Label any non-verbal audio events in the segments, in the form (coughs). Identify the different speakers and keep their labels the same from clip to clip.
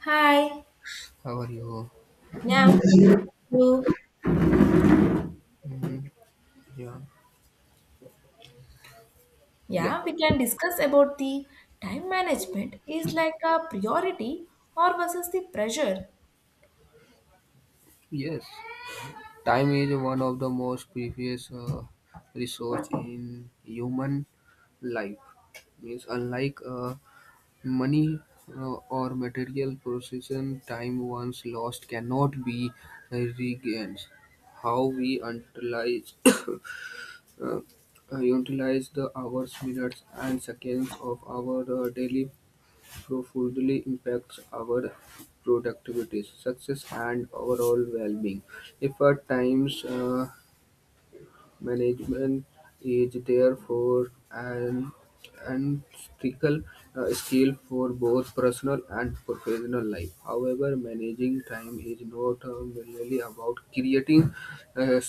Speaker 1: Hi.
Speaker 2: How are you?
Speaker 1: Now, you-
Speaker 2: Mhm. Yeah, yeah,
Speaker 1: yeah, we can discuss about the time management is like a priority or versus the pressure.
Speaker 2: yes. Time is one of the most precious resource in human life. Means unlike money or material possession, time once lost cannot be regained. How we utilize (coughs) uh, utilize the hours, minutes, and seconds of our daily profoundly impacts our productivity, success, and overall well-being. If our time's management is therefore an unethical skill for both personal and professional life. However, managing time is not merely about creating uh,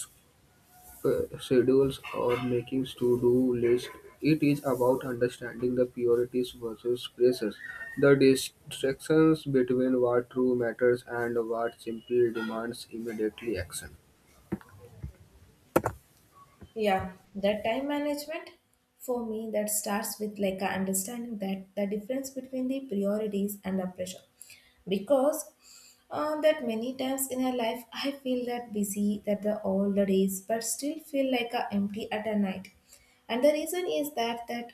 Speaker 2: schedules or making to-do list. It is about understanding the priorities versus pressures, the distractions between what true matters and what simply demands immediately action.
Speaker 1: Yeah, that time management for me that starts with like a understanding that the difference between the priorities and the pressure. Because that many times in our life I feel that busy that the all the days but still feel like a empty at a night. And the reason is that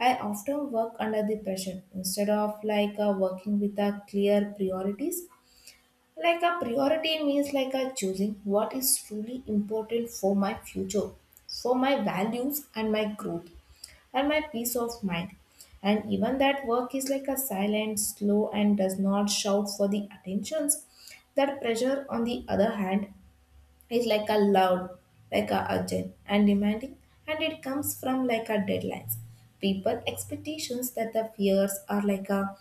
Speaker 1: I often work under the pressure instead of like working with a clear priorities like a priority means like a choosing what is truly important for my future, for my values and my growth and my peace of mind. And even that work is like a silent, slow, and does not shout for the attentions. That pressure, on the other hand, is like a loud, like a urgent and demanding, and it comes from like a deadlines. People expectations that the fears are like a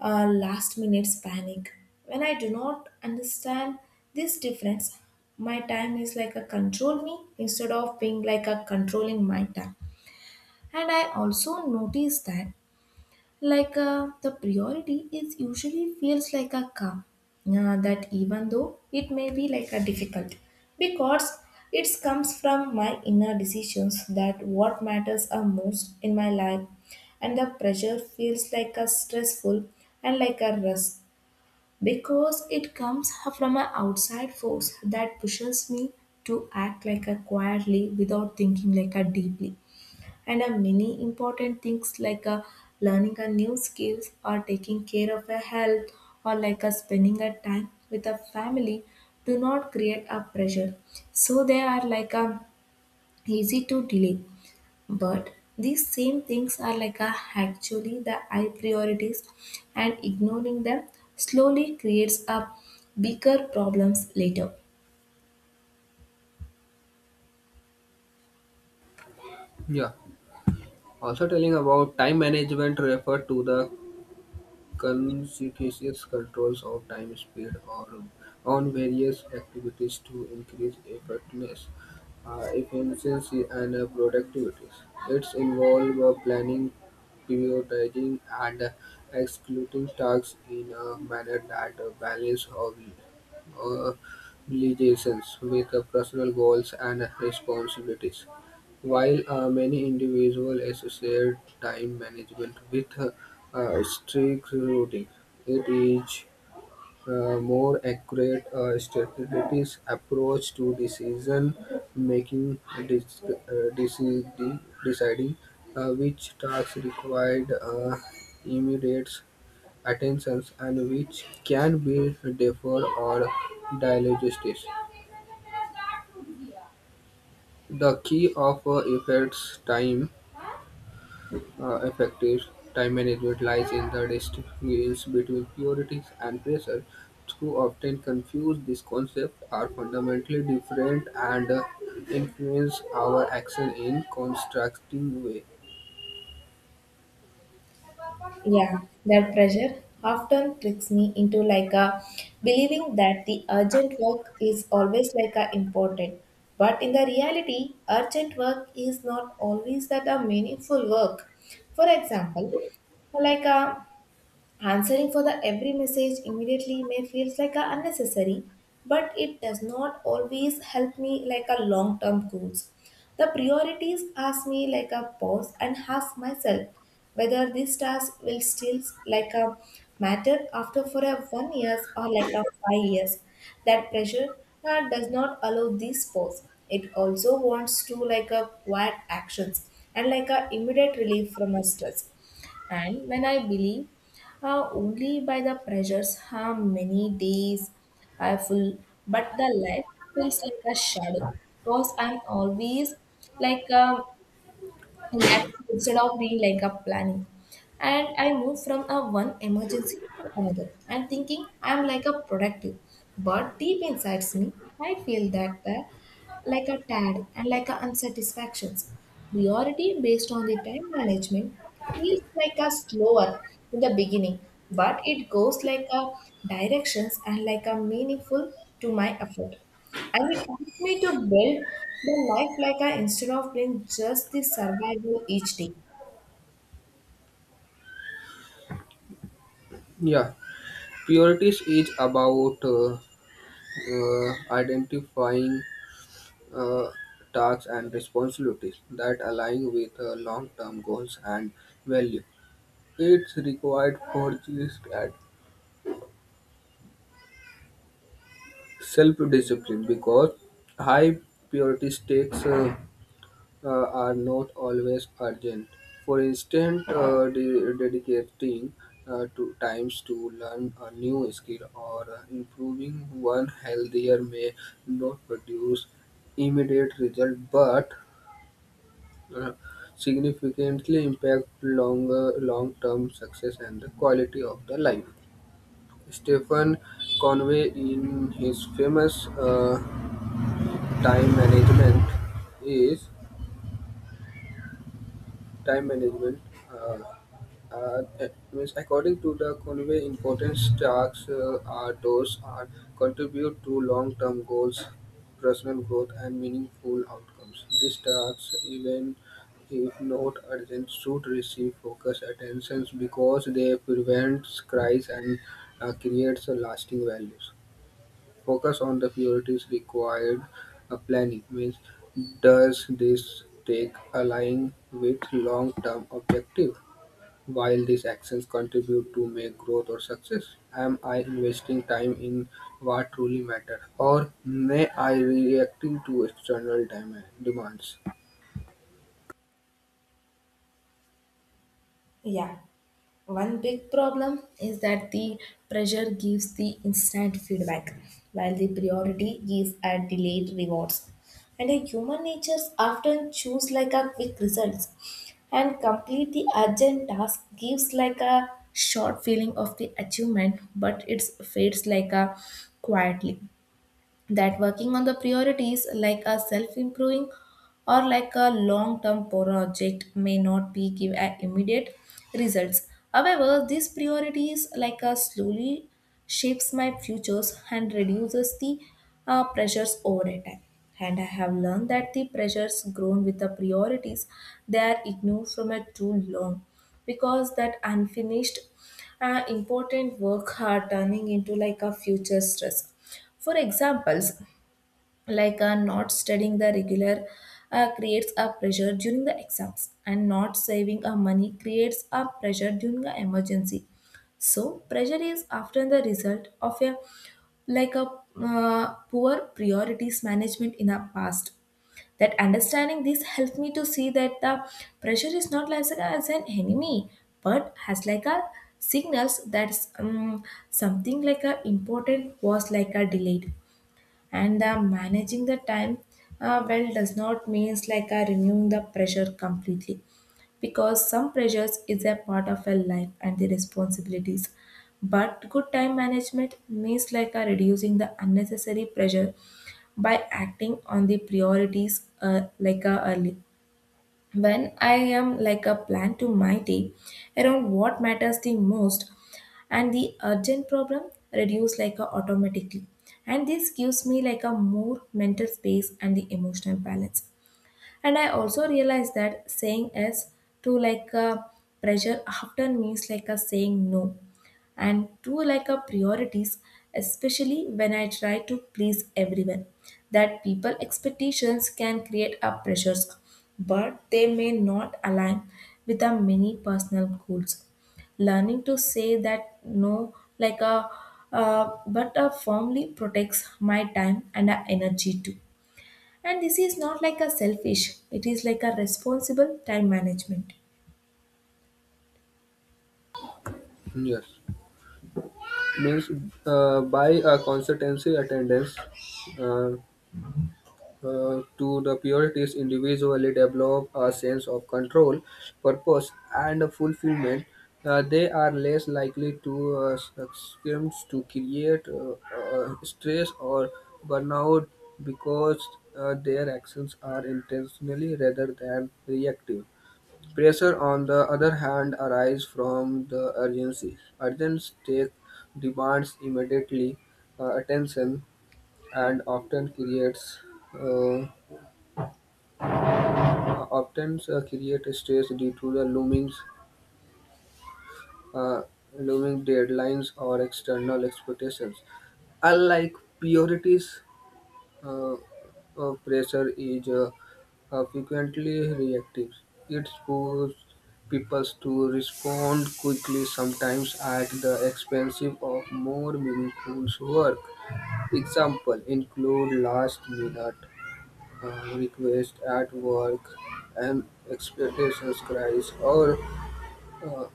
Speaker 1: last minute's panic. When I do not understand this difference, my time is like a control me instead of being like a controlling my time. And I also notice that like the priority is usually feels like a calm that even though it may be like a difficult because it comes from my inner decisions that what matters are most in my life, and the pressure feels like a stressful and like a rush because it comes from an outside force that pushes me to act like a quietly without thinking like a deeply. And a many important things like a learning a new skills or taking care of a health or like a spending a time with a family do not create a pressure. So they are like a easy to delay, but these same things are like a, actually the high priorities, and ignoring them slowly creates a bigger problems later.
Speaker 2: Yeah. Also telling about time management refer to the conscientious controls of time speed or on various activities to increase effectiveness, efficiency, and productivity. It's involve planning, prioritizing, and executing tasks in a manner that balance of uh, obligations with personal goals and responsibilities. While many individuals associate time management with strict routine, it is more accurate strategies approach to decision making, deciding which tasks required immediate attention and which can be deferred or digested. The key of effects time effective time management lies in the distinction between priorities and pressure. Those often confuse these concepts are fundamentally different and influence our action in constructing way.
Speaker 1: Yeah, that pressure often tricks me into like a believing that the urgent work is always like a important. But in the reality, urgent work is not always that a meaningful work. For example, like a answering for the every message immediately may feels like a unnecessary, but it does not always help me like a long term goals. The priorities ask me like a pause and ask myself whether this task will still like a matter after for a 1 years or like a 5 years. That pressure does not allow this pause. It also wants to like a quiet actions and like a immediate relief from a stress. And when I believe only by the pressures how many days I full, but the life feels like a shadow because I'm always like reacting instead of being like a planning. And I move from a one emergency to another and thinking I'm like a productive, but deep inside me, I feel that the like a tad and like a unsatisfactions. Priority based on the time management feels like a slower in the beginning, but it goes like a directions and like a meaningful to my effort. And it helps me to build the life like a instead of being just the survival each day.
Speaker 2: Yeah, priorities is about identifying uh, tasks and responsibilities that align with long-term goals and value. It's required for this at self-discipline, because high purity stakes are not always urgent. For instance, dedicating to times to learn a new skill or improving one healthier may not produce immediate result, but uh, significantly impact longer long-term success and the quality of the life. Stephen Conway, in his famous time management is time management uh, means according to the Conway, important tasks are those are contribute to long-term goals, personal growth and meaningful outcomes. These tasks, even if not urgent, should receive focus attentions because they prevent crisis and creates a lasting values. Focus on the priorities required planning means does this take align with long-term objective, while these actions contribute to make growth or success. Am I investing time in what truly matters, or may I reacting to external demands?
Speaker 1: Yeah. One big problem is that the pressure gives the instant feedback, while the priority gives a delayed rewards. And a human natures often choose like a quick results, and complete the urgent task gives like a short feeling of the achievement, but it fades like a quietly. That working on the priorities like a self improving or like a long term project may not be give a immediate results. However, these priorities like a slowly shapes my futures and reduces the pressures over a time. And I have learned that the pressures grown with the priorities they are ignored from a too long, because that unfinished important work are turning into like a future stress. For examples, like not studying the regular creates a pressure during the exams, and not saving a money creates a pressure during the emergency. So pressure is often the result of a like a poor priorities management in our past. That understanding this helped me to see that the pressure is not as an enemy, but has like a signals that's something like a important was like a delayed. And managing the time well does not means like removing the pressure completely, because some pressures is a part of a life and the responsibilities. But good time management means like reducing the unnecessary pressure by acting on the priorities like early, when I am like a plan to my day around what matters the most, and the urgent problem reduce like a automatically. And this gives me like a more mental space and the emotional balance. And I also realized that saying yes to like a pressure often means like a saying no and to like a priorities, especially when I try to please everyone. That people expectations can create a pressures, but they may not align with our many personal goals. Learning to say that no like a but a firmly protects my time and our energy too, and this is not like a selfish, it is like a responsible time management.
Speaker 2: Yes, means by a consultancy attendance uh, to the Puritans, individually develop a sense of control, purpose, and fulfillment. They are less likely to succumb to create stress or burnout because their actions are intentionally rather than reactive. Pressure, on the other hand, arises from the urgency. Urgent take demands immediately attention and often creates uh, often create stress due to the uh, looming deadlines or external expectations. Unlike purities, pressure is frequently reactive. It pushes people to respond quickly, sometimes at the expense of more meaningful work. Example include last minute request at work and expectations cries or uh,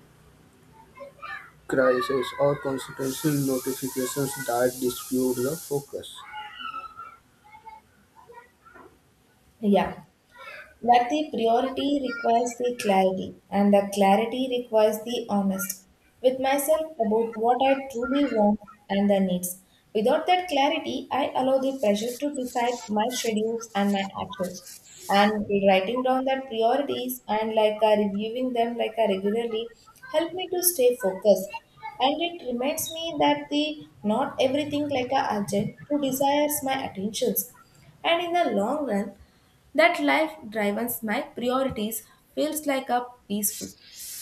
Speaker 2: crisis or constitutional notifications that dispute the focus.
Speaker 1: Yeah. But the priority requires the clarity, and the clarity requires the honest with myself about what I truly want and the needs. Without that clarity, I allow the pressure to decide my schedules and my actions. And writing down the priorities and like reviewing them like regularly help me to stay focused. And it reminds me that the not everything like a urgent to desires my attentions. And in the long run, that life-driven my priorities feels like a peaceful,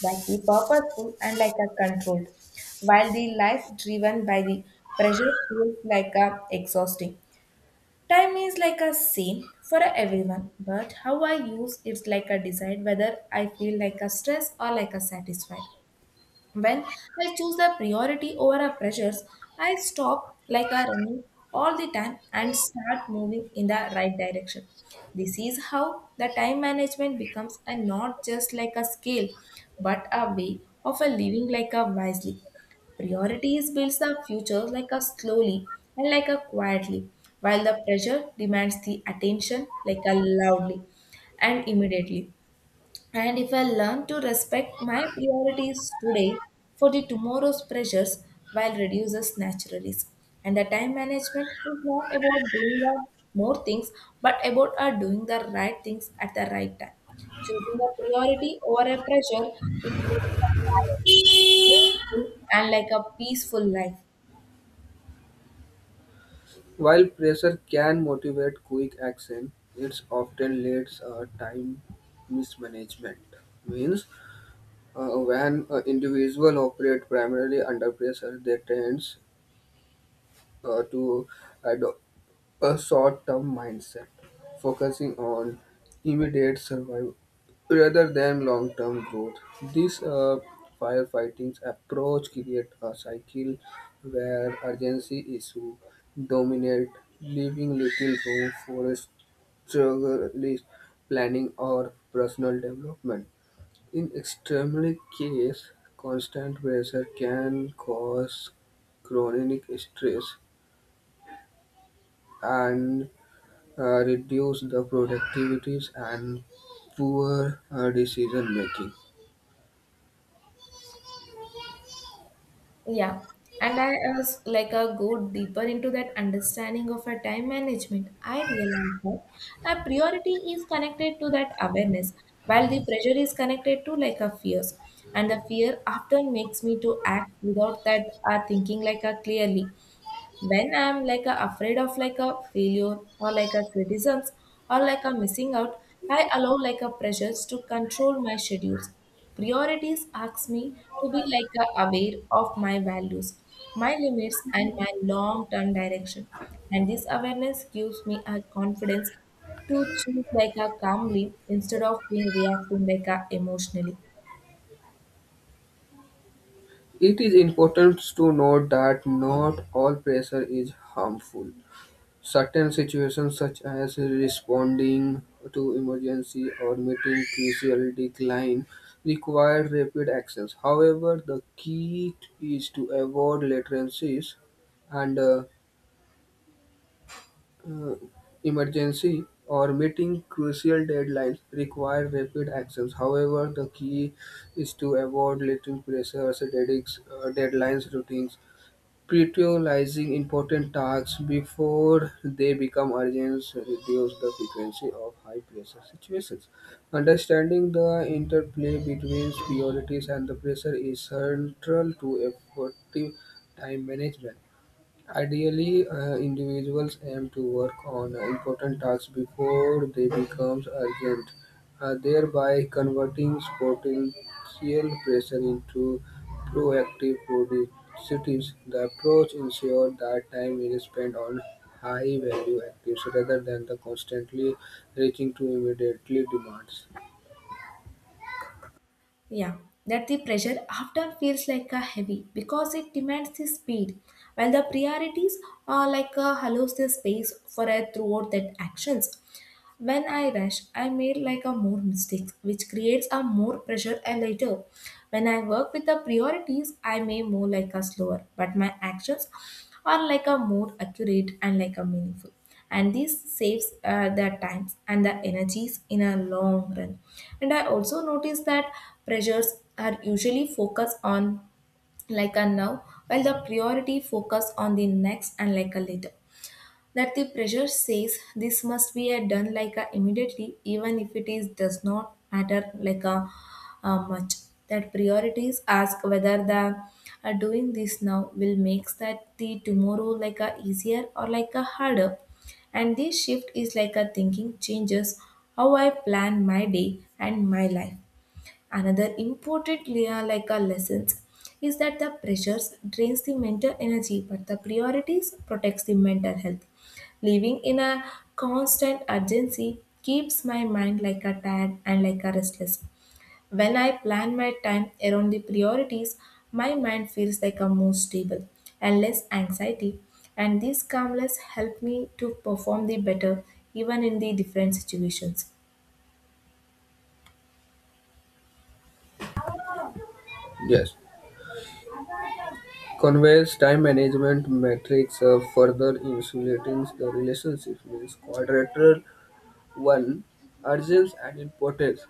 Speaker 1: like the purposeful and like a controlled, while the life driven by the pressure feels like a exhausting. Time is like a same for everyone, but how I use it's like a decide whether I feel like a stress or like a satisfied. When I choose the priority over our pressures, I stop like a running all the time and start moving in the right direction. This is how the time management becomes a not just like a skill, but a way of a living like a wisely. Priorities builds the future like a slowly and like a quietly, while the pressure demands the attention like a loudly and immediately. And if I learn to respect my priorities today for the tomorrow's pressures while reduces naturally. And the time management is not about doing the more things, but about doing the right things at the right time. Choosing a priority over a pressure is choosing a balance, meaningful and like a peaceful life.
Speaker 2: While pressure can motivate quick action, it often leads time mismanagement. Means when an individual operate primarily under pressure, they tend to ado- a short-term mindset, focusing on immediate survival rather than long-term growth. This firefighting approach creates a cycle where urgency issues dominate, leaving little room for struggle, planning, or personal development. In extremely case, constant pressure can cause chronic stress and reduce the productivities and poor decision making.
Speaker 1: Yeah, and I was like a go deeper into that understanding of a time management. I realized that a priority is connected to that awareness, while the pressure is connected to like a fears. And the fear often makes me to act without that thinking like a clearly when I'm like a, afraid of like a failure or like a criticisms or like a missing out. I allow like a pressures to control my schedules. Priorities ask me to be like a aware of my values, my limits, and my long term direction. And this awareness gives me a confidence to choose like a calmly instead of being reacting like a emotionally.
Speaker 2: It is important to note that not all pressure is harmful. Certain situations, such as responding to emergency or meeting crucial decline, require rapid actions. However, the key is to avoid latencies and Uh, emergency or meeting crucial deadlines require rapid actions. However, the key is to avoid letting pressures, deadlines, routines, prioritizing important tasks before they become urgent, reduce the frequency of high pressure situations. Understanding the interplay between priorities and the pressure is central to effective time management. Ideally, individuals aim to work on important tasks before they become urgent, thereby converting potential pressure into proactive productivities. The approach ensures that time is spent on high-value activities rather than the constantly reaching to immediately demands.
Speaker 1: Yeah, that the pressure often feels like a heavy because it demands the speed, while the priorities are like a allows the space for a throughout that actions. When I rush, I made like a more mistakes, which creates a more pressure and later. When I work with the priorities, I may more like a slower, but my actions are like a more accurate and like a meaningful, and this saves the times and the energies in a long run. And I also noticed that pressures are usually focused on like a now, while the priority focus on the next and like a later. That the pressure says this must be a done like a immediately even if it is does not matter like a, much. That priorities ask whether the doing this now will makes that the tomorrow like a easier or like a harder. And this shift is like a thinking changes how I plan my day and my life. Another important layer like our lessons is that the pressures drains the mental energy, but the priorities protects the mental health. Living in a constant urgency keeps my mind like a tired and like a restless. When I plan my time around the priorities, my mind feels like a more stable and less anxiety, and these calmness help me to perform the better even in the different situations.
Speaker 2: Yes. Conway's time management metrics further insulating the relationship means quadrilateral one, urges and importance.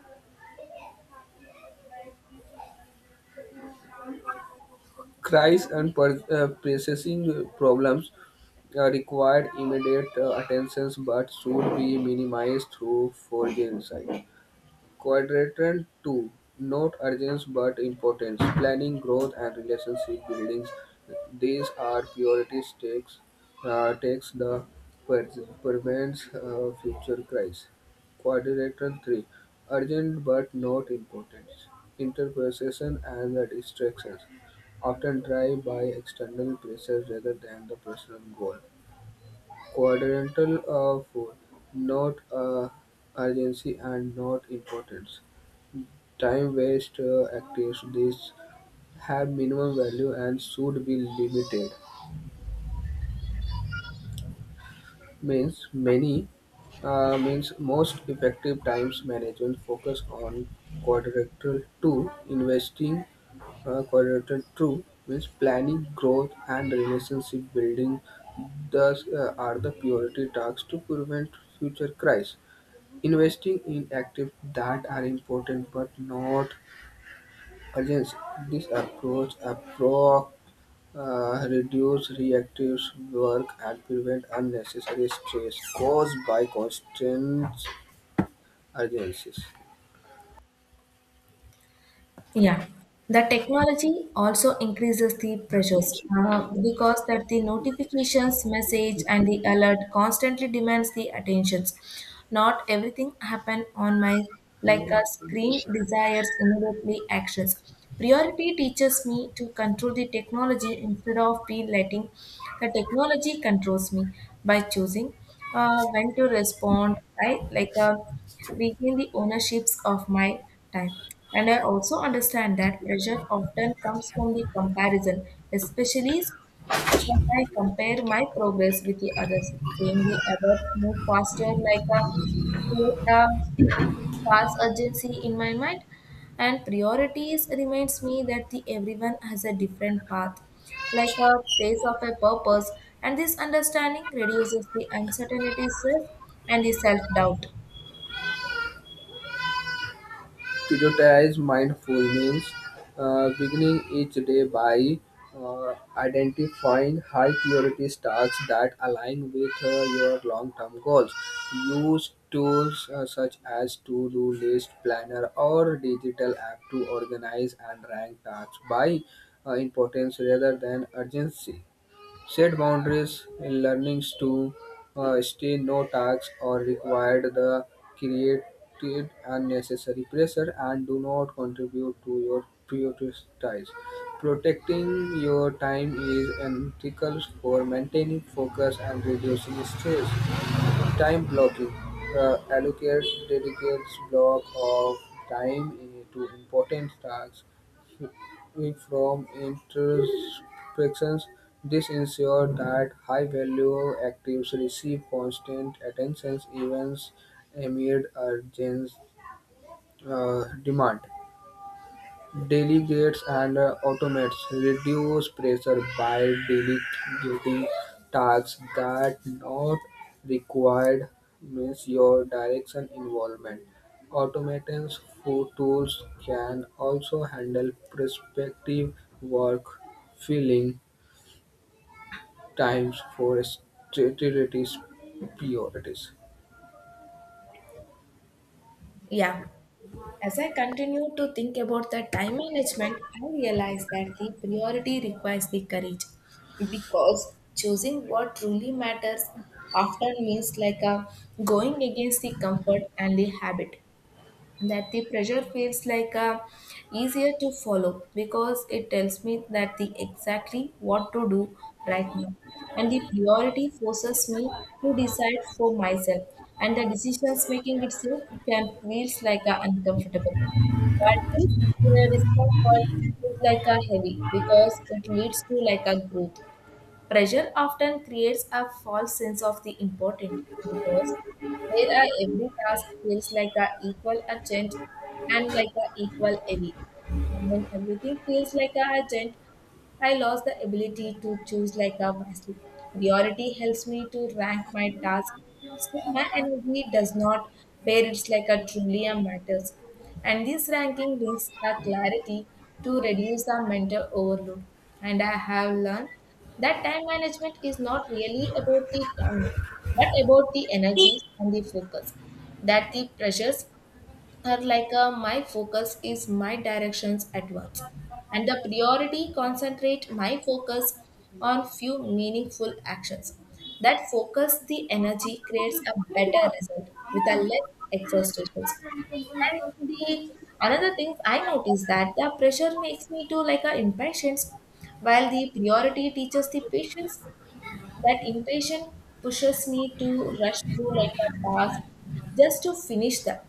Speaker 2: Crises and pressing problems required immediate attention but should be minimized through foresight. Quadrilateral two: note urgency but importance, planning, growth and relationship building. These are priorities takes the prevents future crisis. Quadrilateral three: urgent but not important. Interpretation and the distractions often drive by external pressure rather than the personal goal. Quadrantal 4, not urgency and not importance. Time waster activities have minimum value and should be limited. Means many Means most effective times management focus on quadrilateral two, investing quadrilateral two means planning, growth and relationship building, thus are the priority tasks to prevent future crises, investing in active that are important but not urgent. This approach reduce reactive work and prevent unnecessary stress caused by constant urgencies.
Speaker 1: Yeah, the technology also increases the pressures because that the notifications, message, and the alert constantly demands the attentions. Not everything happen on my like a
Speaker 2: No,
Speaker 1: screen desires immediately actions. Priority teaches me to control the technology instead of be letting the technology controls me by choosing when to respond. Right, like a regain the ownerships of my time. And I also understand that pressure often comes from the comparison, especially when I compare my progress with the others, seeing the others move faster like a create a false urgency in my mind, and priorities reminds me that the everyone has a different path like a place of a purpose. And this understanding reduces the uncertainty stress and the self-doubt.
Speaker 2: prioritize mindful means beginning each day by identifying high priority tasks that align with your long term goals. Use tools such as to do list, planner, or digital app to organize and rank tasks by importance rather than urgency. Set boundaries in learnings to stay no tasks or required the created unnecessary pressure and do not contribute to your prioritize. Protecting your time is ethical for maintaining focus and reducing stress. Time blocking. Allocate dedicates block of time to important tasks it. From introspections, this ensures that high-value actives receive constant attention even amid urgent demand. Delegates and automates reduce pressure by delegating tasks that not required means your direction involvement. Automatons for tools can also handle prospective work, filling times for strategic priorities.
Speaker 1: Yeah. As I continue to think about the time management, I realize that the priority requires the courage because choosing what truly matters often means like a going against the comfort and the habit, that the pressure feels like easier to follow because it tells me that the exactly what to do right now, and the priority forces me to decide for myself, and the decisions making itself can feels like a uncomfortable, but this discomfort is like a heavy because it leads to like a growth. Pressure often creates a false sense of the importance because where a every task feels like a equal urgent and like a equal heavy, and when everything feels like a urgent, I lost the ability to choose like a wisely. Priority helps me to rank my tasks, so my energy does not where it's like a truly a matters. And this ranking brings the clarity to reduce the mental overload. And I have learned that time management is not really about the time, but about the energies and the focus, that the pressures are like a my focus is my directions at once, and the priority concentrate my focus on few meaningful actions, that focus the energy creates a better result with a less exhaustions. And the another thing I noticed that the pressure makes me to like a impatience while the priority teaches the patience, that impatience pushes me to rush through like a task just to finish them.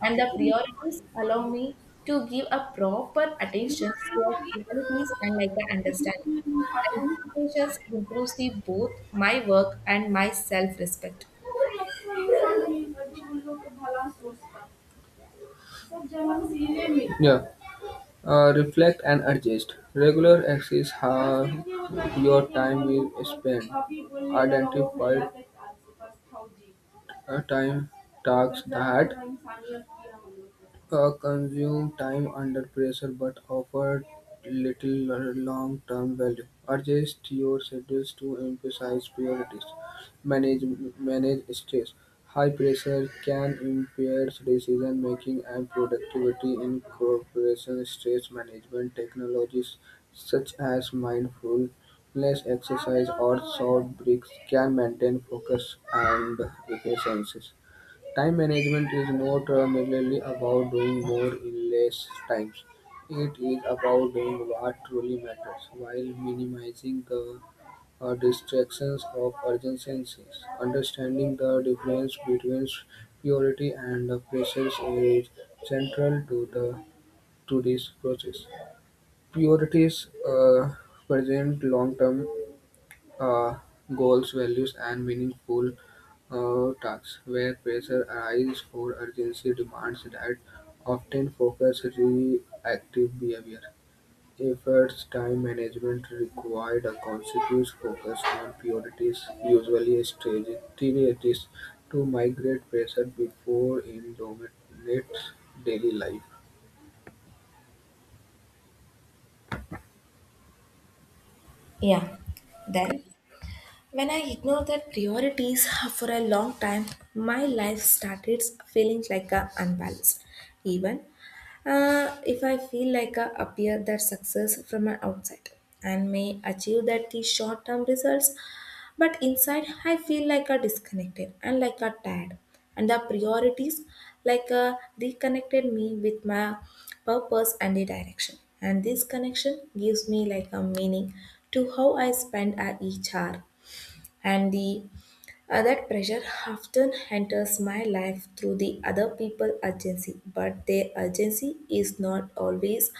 Speaker 1: And the priorities allow me to give a proper attention to the humanities and like a understanding. And these patience improves the both my work and my self-respect.
Speaker 2: Yeah. Reflect and adjust. Regular axis how your time is spent. Identify time tasks that consume time under pressure but offer little long term value. Adjust your schedules to emphasize priorities, manage manage stress. High pressure can impair decision making and productivity. In corporation stress management technologies such as mindfulness exercise or short breaks can maintain focus and efficiency. Time management is not merely about doing more in less times; it is about doing what truly matters while minimizing the distractions of urgencies. Understanding the difference between purity and the process is central to the to this process. Priorities present long-term uh, goals, values, and meaningful tasks. Where pressure arises or urgency demands that often focus reactive behavior. Efforts, time management required a conscious focus on priorities, usually strategies to migrate pressure before it dominates daily life.
Speaker 1: Yeah. Then, when I ignored that priorities for a long time, my life started feeling like a unbalanced. Even if I feel like I appear that success from an outside and may achieve that the short term results, but inside I feel like a disconnected and like a tired, and the priorities like a reconnected me with my purpose and the direction, and this connection gives me like a meaning to how I spend at each hour. And the that pressure often enters my life through the other people urgency, but their urgency is not always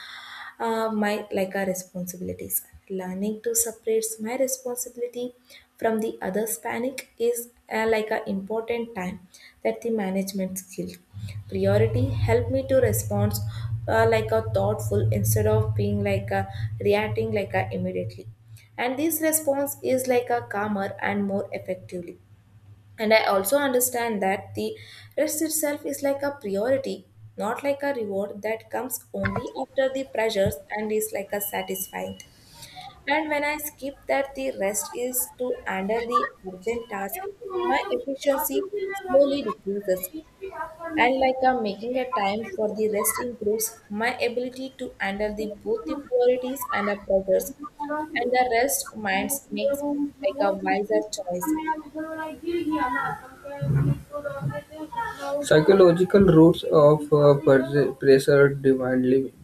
Speaker 1: my like our responsibilities. Learning to separate my responsibility from the other's panic is like an important time that the management skill. Priority help me to respond like a thoughtful instead of being like a reacting like a immediately, and this response is like a calmer and more effectively. And I also understand that the rest itself is like a priority, not like a reward that comes only after the pressures and is like a satisfying. And when I skip that the rest is to handle the urgent task, my efficiency slowly decreases. And like I'm making a time for the rest improves my ability to handle the both the priorities and the pressures. And the rest minds makes me like a wiser choice.
Speaker 2: Psychological roots of pressure, divine living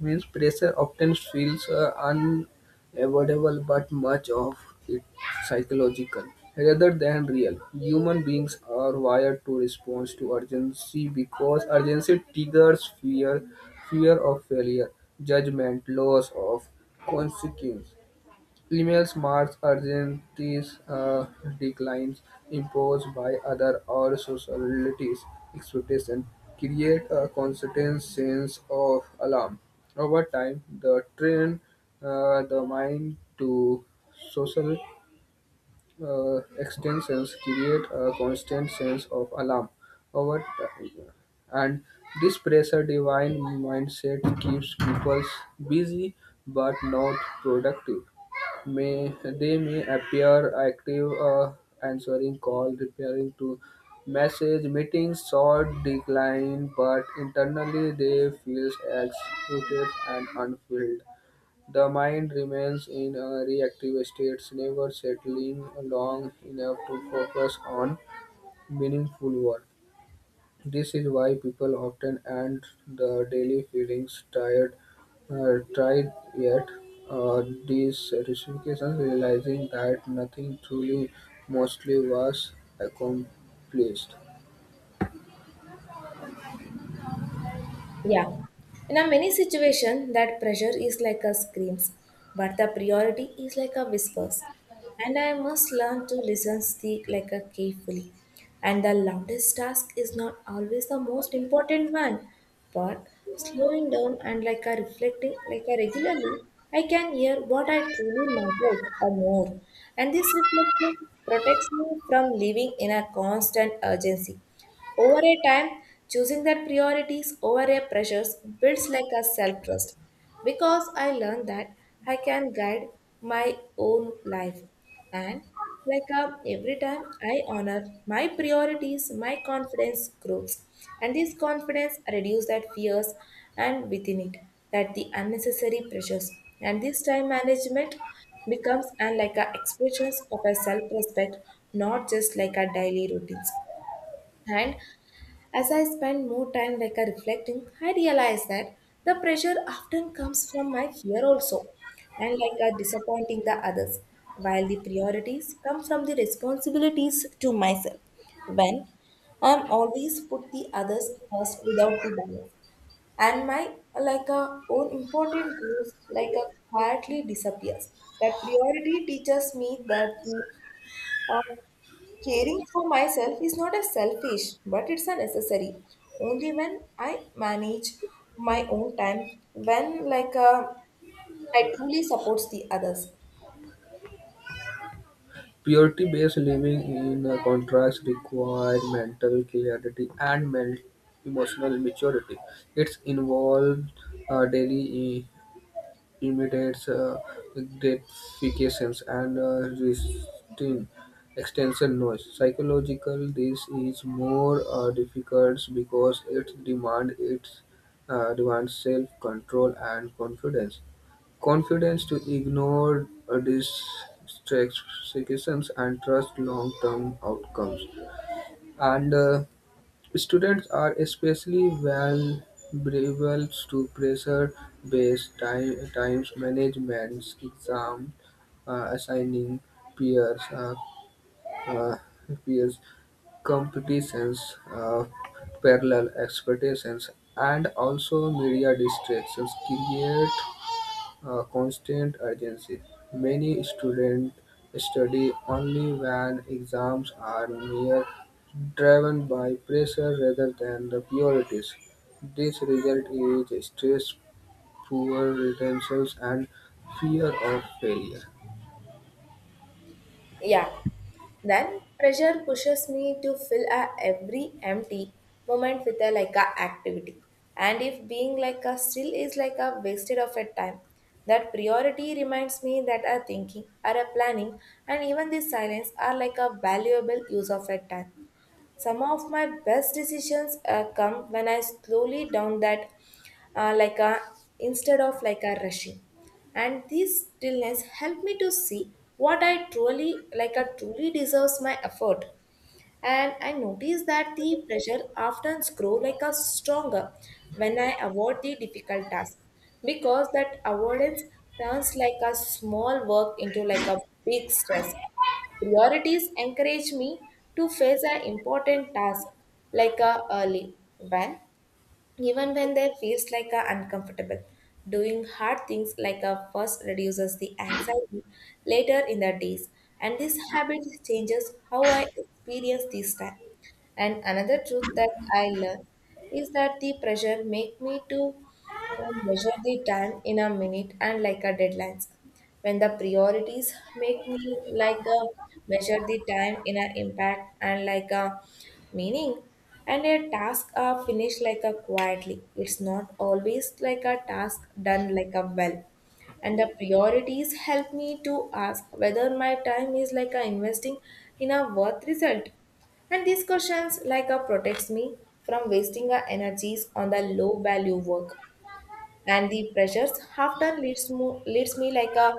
Speaker 2: means pressure often feels unavoidable, but much of it psychological rather than real. Human beings are wired to respond to urgency because urgency triggers fear, fear of failure, judgment, loss of consequence. Emails marks Argentines' declines imposed by other or society's expectations, create a constant sense of alarm. Over time, the train the mind to social extensions create a constant sense of alarm over time. And this pressure divine mindset keeps people busy but not productive. May they may appear active, answering call, repairing to message, meetings, short decline, but internally they feel exhausted and unfulfilled. The mind remains in a reactive state, never settling long enough to focus on meaningful work. This is why people often end the daily feelings tired, tired yet uh, these recifications realizing that nothing truly mostly was accomplished.
Speaker 1: Yeah. In a many situation, that pressure is like a screams, but the priority is like a whispers. And I must learn to listen speak like a carefully. And the loudest task is not always the most important one, but slowing down and like a reflecting like a regularly, I can hear what I truly matters or more. And this reflection protects me from living in a constant urgency. Over a time, choosing that priorities over a pressures builds like a self trust because I learned that I can guide my own life. And like a, every time I honor my priorities, my confidence grows. And this confidence reduces that fears and within it that the unnecessary pressures. And this time management becomes and like a expressions of a self-respect, not just like a daily routines. And as I spend more time like a reflecting, I realize that the pressure often comes from my fear also, and like a disappointing the others, while the priorities come from the responsibilities to myself. When I'm always put the others first without the balance, and my like a own important goals like a quietly disappears. That priority teaches me that the uh, caring for myself is not a selfish, but it's a necessary. Only when I manage my own time, when like I truly supports the others.
Speaker 2: Purity-based living, in contrast, requires mental clarity and emotional maturity. It's involved daily imitates gratifications and resisting external noise. Psychological, this is more difficult because it demands self-control and confidence. Confidence to ignore distractions and trust long-term outcomes. And students are especially vulnerable to pressure-based time times management, exam assigning, peers, uh, uh, peers competitions, uh, parallel expectations, and also media distractions create a constant urgency. Many students study only when exams are near, driven by pressure rather than the priorities. This result is stress, poor retention, and fear of failure.
Speaker 1: Yeah, then pressure pushes me to fill a every empty moment with a like a activity. And if being like a still is like a wasted of a time, that priority reminds me that a thinking or a planning and even this silence are like a valuable use of a time. Some of my best decisions come when I slowly down that, like a instead of like a rushing, and this stillness help me to see what I truly like a truly deserves my effort. And I notice that the pressure often grows like a stronger when I avoid the difficult task because that avoidance turns like a small work into like a big stress. Priorities encourage me to face an important task like a early when even when they feels like a uncomfortable. Doing hard things like a first reduces the anxiety later in the days, and this habit changes how I experience this time. And another truth that I learned is that the pressure make me to I measure the time in a minute and like a deadlines. When the priorities make me like a measure the time in an impact and like a meaning, and a task are finished like a quietly. It's not always like a task done like a well. And the priorities help me to ask whether my time is like a investing in a worth result. And these questions like a protects me from wasting our energies on the low value work. And the pressures half done leads, leads me like a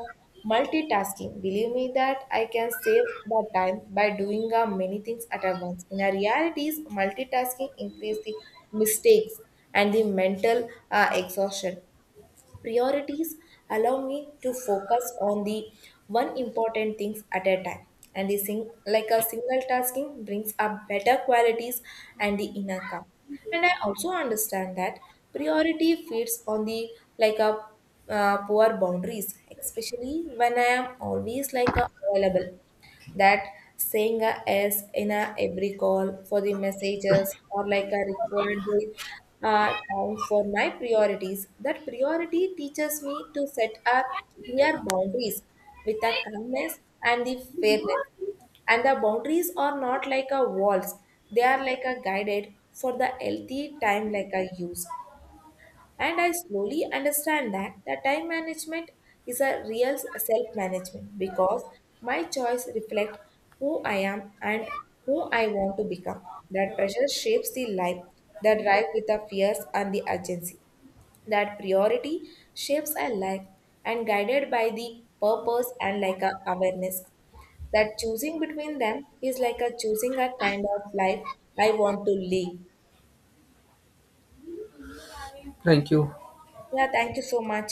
Speaker 1: multitasking, believe me that I can save the time by doing a many things at a once. In a realities multitasking increase the mistakes and the mental exhaustion. Priorities allow me to focus on the one important things at a time, and the like a single tasking brings up better qualities and the inner calm. And I also understand that priority feeds on the like a poor boundaries, especially when I am always like a available, that saying a yes in a every call for the messages or like a required time for my priorities. That priority teaches me to set up clear boundaries with a kindness and the fairness. And the boundaries are not like a walls; they are like a guided for the healthy time like a use. And I slowly understand that the time management is a real self management because my choice reflect who I am and who I want to become. That pressure shapes the life, the drive with the fears and the urgency. That priority shapes a life and guided by the purpose and like a awareness. That choosing between them is like a choosing a kind of life I want to live.
Speaker 2: Thank you.
Speaker 1: Yeah, thank you so much.